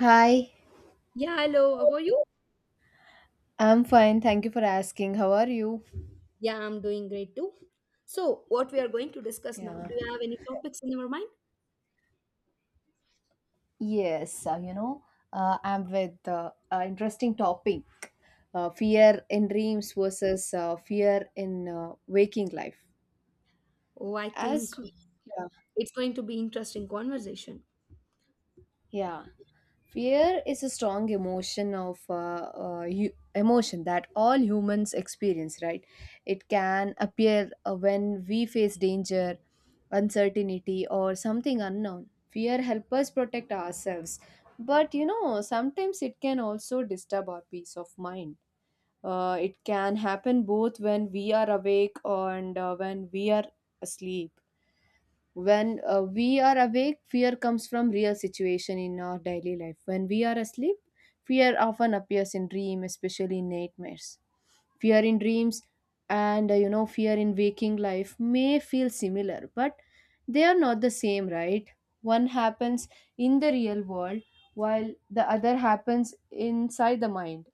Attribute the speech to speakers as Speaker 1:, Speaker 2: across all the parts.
Speaker 1: Hi,
Speaker 2: Yeah, hello. How are you?
Speaker 1: I'm fine. Thank you for asking. How are you?
Speaker 2: Yeah, I'm doing great too. So, what we are going to discuss now? Do
Speaker 1: Yeah.
Speaker 2: you have any topics in your mind?
Speaker 1: Yes, I'm with an interesting topic, fear in dreams versus fear in waking life.
Speaker 2: Oh, I think
Speaker 1: As yeah,
Speaker 2: it's going to be interesting conversation.
Speaker 1: yeah. Fear is a strong emotion of emotion that all humans experience, right? It can appear when we face danger, uncertainty, or something unknown. Fear helps us protect ourselves, but you know sometimes it can also disturb our peace of mind. It can happen both when we are awake and when we are asleep. When we are awake, fear comes from real situation in our daily life. When we are asleep, fear often appears in dream, especially in nightmares. Fear in dreams and you know fear in waking life may feel similar, but they are not the same, right? One happens in the real world, while the other happens inside the mind.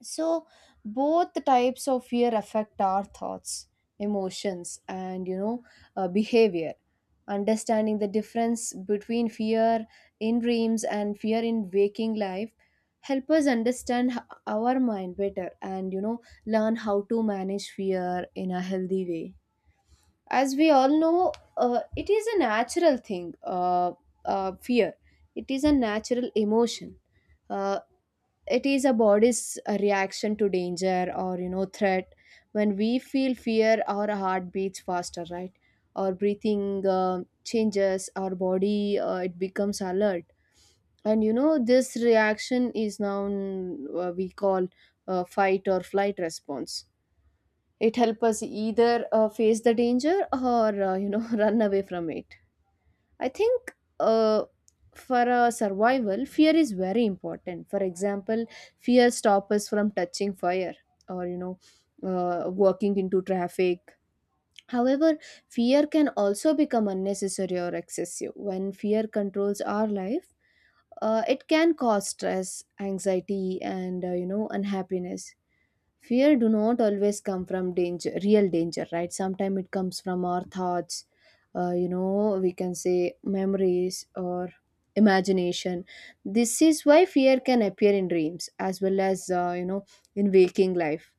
Speaker 1: So both types of fear affect our thoughts, emotions, and you know behavior. Understanding the difference between fear in dreams and fear in waking life help us understand our mind better, and you know learn how to manage fear in a healthy way. As we all know, it is a natural thing. Fear, it is a natural emotion. Uh, it is a body's reaction to danger or you know threat. When we feel fear, our heart beats faster, right? Our breathing changes. Our body, it becomes alert, and you know this reaction is now we call fight or flight response. It helps us either face the danger or you know run away from it. I think for a survival, fear is very important. For example, fear stops us from touching fire, or you know, walking into traffic. However, fear can also become unnecessary or excessive. When fear controls our life, it can cause stress, anxiety, and you know, unhappiness. Fear do not always come from danger, real danger, right? Sometimes it comes from our thoughts, you know we can say memories or imagination. This is why fear can appear in dreams as well as you know in waking life.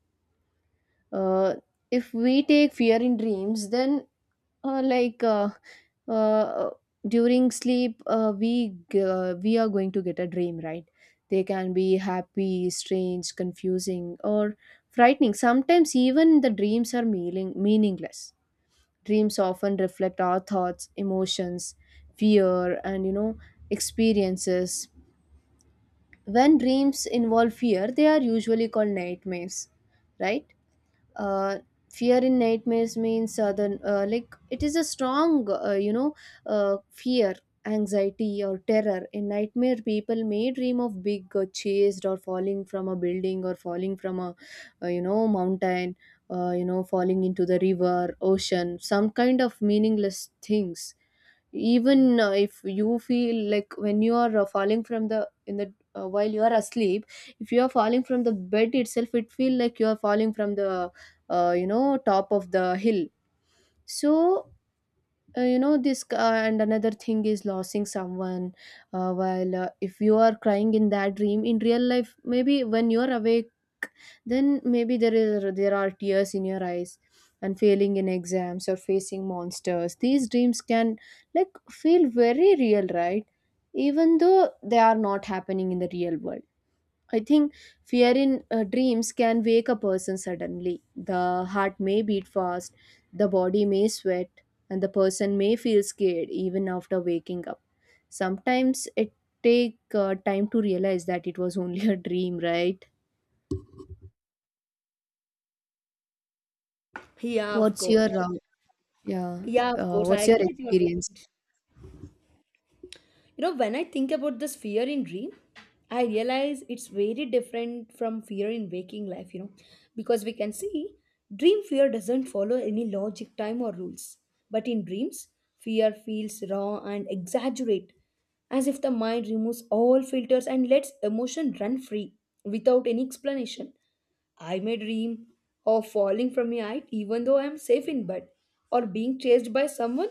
Speaker 1: uh, if we take fear in dreams, then uh, like uh, uh, during sleep, we we are going to get a dream, right? They can be happy, strange, confusing, or frightening. Sometimes even the dreams are meaningless. Dreams often reflect our thoughts, emotions, fear, and you know experiences. When dreams involve fear, they are usually called nightmares, right? uh, Fear in nightmares means like it is a strong you know fear, anxiety, or terror. In nightmare, people may dream of big, chased, or falling from a building, or falling from a you know mountain, you know falling into the river, ocean, some kind of meaningless things. Even if you feel like when you are falling from the in the while you are asleep, if you are falling from the bed itself, it feel like you are falling from the you know top of the hill. So you know this, and another thing is losing someone. While if you are crying in that dream, in real life maybe when you are awake, then maybe there are tears in your eyes, and failing in exams or facing monsters, these dreams can like feel very real, right, even though they are not happening in the real world. I think fear in dreams can wake a person suddenly. The heart may beat fast, the body may sweat, and the person may feel scared even after waking up. Sometimes it take time to realize that it was only a dream, right?
Speaker 2: Yeah, of
Speaker 1: what's
Speaker 2: course.
Speaker 1: your Yeah.
Speaker 2: Yeah, of course, I
Speaker 1: What's your
Speaker 2: agree.
Speaker 1: experience?
Speaker 2: You know, when I think about this fear in dream, I realize it's very different from fear in waking life, you know, because we can see dream fear doesn't follow any logic, time, or rules. But in dreams, fear feels raw and exaggerate, as if the mind removes all filters and lets emotion run free without any explanation. I may dream of falling from a height even though I am safe in bed, or being chased by someone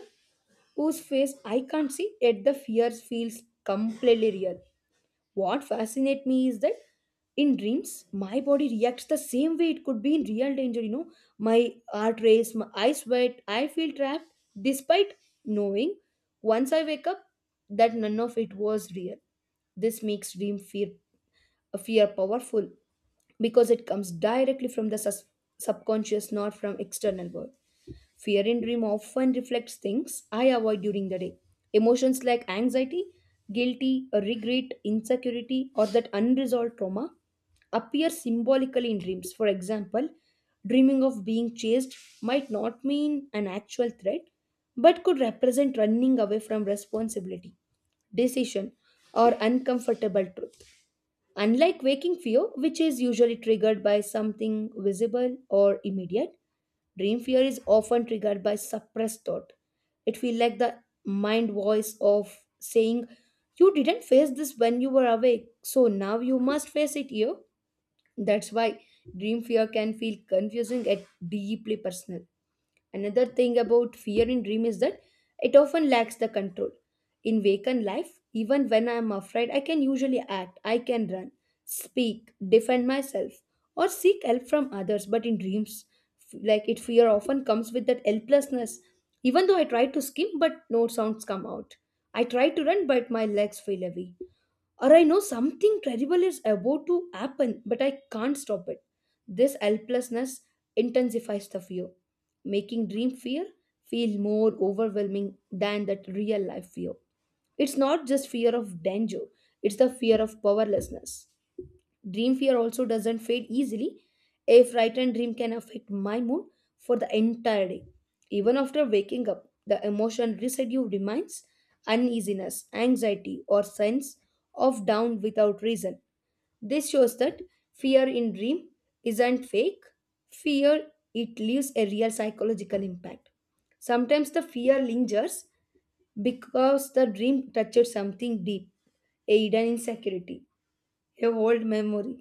Speaker 2: whose face I can't see, yet the fear feels completely real. What fascinates me is that in dreams, my body reacts the same way it could be in real danger. You know, my heart race, my eyes sweat, I feel trapped, despite knowing once I wake up that none of it was real. This makes dream fear powerful because it comes directly from the subconscious, not from external world. Fear in dream often reflects things I avoid during the day. Emotions like anxiety, guilty, regret, insecurity, or that unresolved trauma appear symbolically in dreams. For example, dreaming of being chased might not mean an actual threat, but could represent running away from responsibility, decision, or uncomfortable truth. Unlike waking fear, which is usually triggered by something visible or immediate, dream fear is often triggered by suppressed thought. It feels like the mind voice of saying, "You didn't face this when you were awake, so now you must face it here." That's why dream fear can feel confusing and deeply personal. Another thing about fear in dream is that it often lacks the control. In waken life, even when I am afraid, I can usually act, I can run, speak, defend myself, or seek help from others. But in dreams, f- like it fear often comes with that helplessness. Even though I try to scream, but no sounds come out. I try to run, but my legs feel heavy, or I know something terrible is about to happen, but I can't stop it. This helplessness intensifies the fear, making dream fear feel more overwhelming than that real life fear. It's not just fear of danger, it's the fear of powerlessness. Dream fear also doesn't fade easily. A frightened dream can affect my mood for the entire day. Even after waking up, the emotion residue remains uneasiness, anxiety, or sense of down without reason. This shows that fear in dream isn't fake. Fear, it leaves a real psychological impact. Sometimes the fear lingers because the dream touches something deep, a hidden insecurity, a old memory,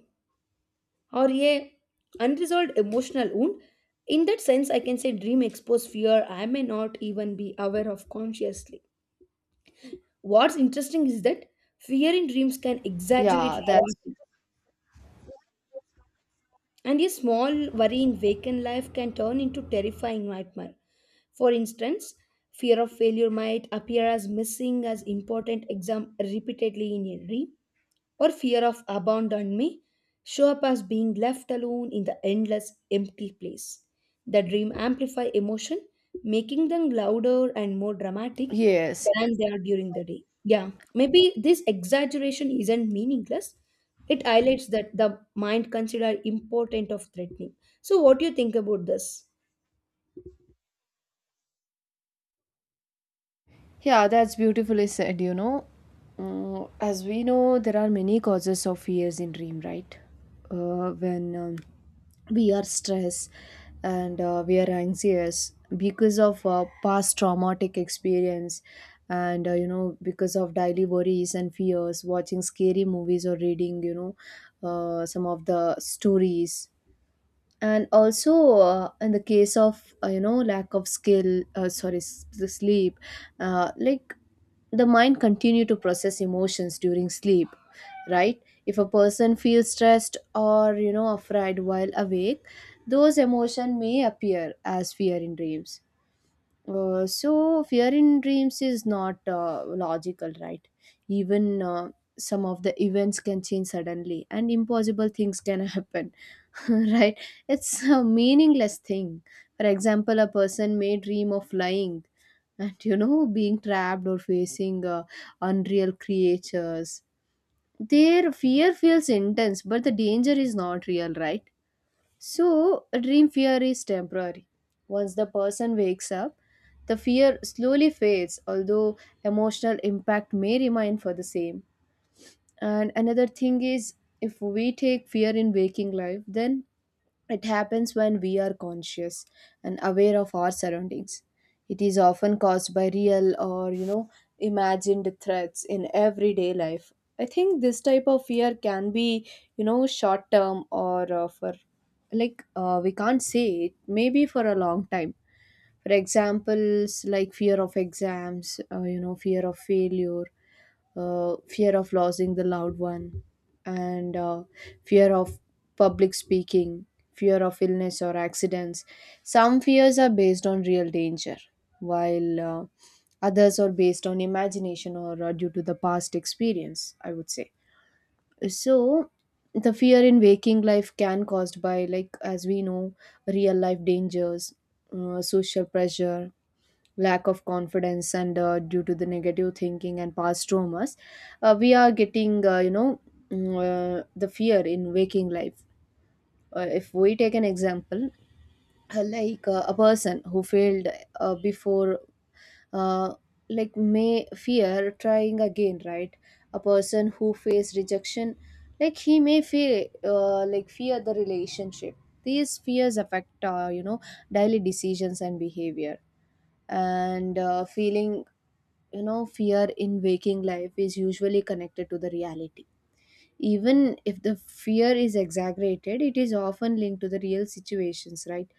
Speaker 2: or a unresolved emotional wound. In that sense, I can say dream expose fear I may not even be aware of consciously. What's interesting is that fear in dreams can exaggerate
Speaker 1: Yeah, that's
Speaker 2: reality, and a small worry in waking life can turn into terrifying nightmare. For instance, fear of failure might appear as missing as important exam repeatedly in a dream, or fear of abandonment may show up as being left alone in the endless empty place. The dream amplify emotion, making them louder and more dramatic
Speaker 1: yes.
Speaker 2: than they are during the day. Yeah, maybe this exaggeration isn't meaningless. It highlights that the mind consider important of threatening. So what do you think about this?
Speaker 1: Yeah, that's beautifully said, you know. Mm, as we know, there are many causes of fears in dream, right? When we are stressed, and we are anxious because of past traumatic experience, and you know because of daily worries and fears, watching scary movies or reading you know some of the stories, and also in the case of you know lack of skill, sorry, the sleep. Like the mind continue to process emotions during sleep, right? If a person feels stressed or you know afraid while awake, those emotions may appear as fear in dreams. So fear in dreams is not logical, right? Even some of the events can change suddenly, and impossible things can happen, right? It's a meaningless thing. For example, a person may dream of flying and you know being trapped or facing unreal creatures. Their fear feels intense, but the danger is not real, right? So, dream fear is temporary. Once the person wakes up, the fear slowly fades, although emotional impact may remain for the same. And another thing is, if we take fear in waking life, then it happens when we are conscious and aware of our surroundings. It is often caused by real or, you know, imagined threats in everyday life. I think this type of fear can be, you know, short term, or for like we can't say it, maybe for a long time. For examples like fear of exams, you know, fear of failure, fear of losing the loved one, and fear of public speaking, fear of illness or accidents. Some fears are based on real danger, while others are based on imagination or due to the past experience, I would say. So, the fear in waking life can caused by like as we know real life dangers, social pressure, lack of confidence, and due to the negative thinking and past traumas, we are getting you know, mm, the fear in waking life. If we take an example, a person who failed before, uh, like may fear trying again, right? A person who faced rejection, like he may fear like fear the relationship. These fears affect you know daily decisions and behavior, and feeling, you know fear in waking life is usually connected to the reality. Even if the fear is exaggerated, it is often linked to the real situations, right?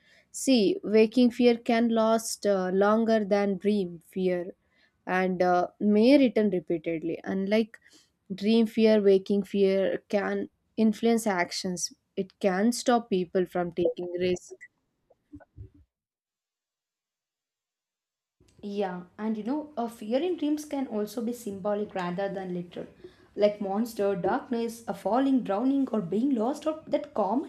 Speaker 1: See, waking fear can last longer than dream fear, and may return repeatedly. Unlike dream fear, waking fear can influence actions. It can stop people from taking risks.
Speaker 2: Yeah, and you know, a fear in dreams can also be symbolic rather than literal, like monster, darkness, a falling, drowning, or being lost, or that common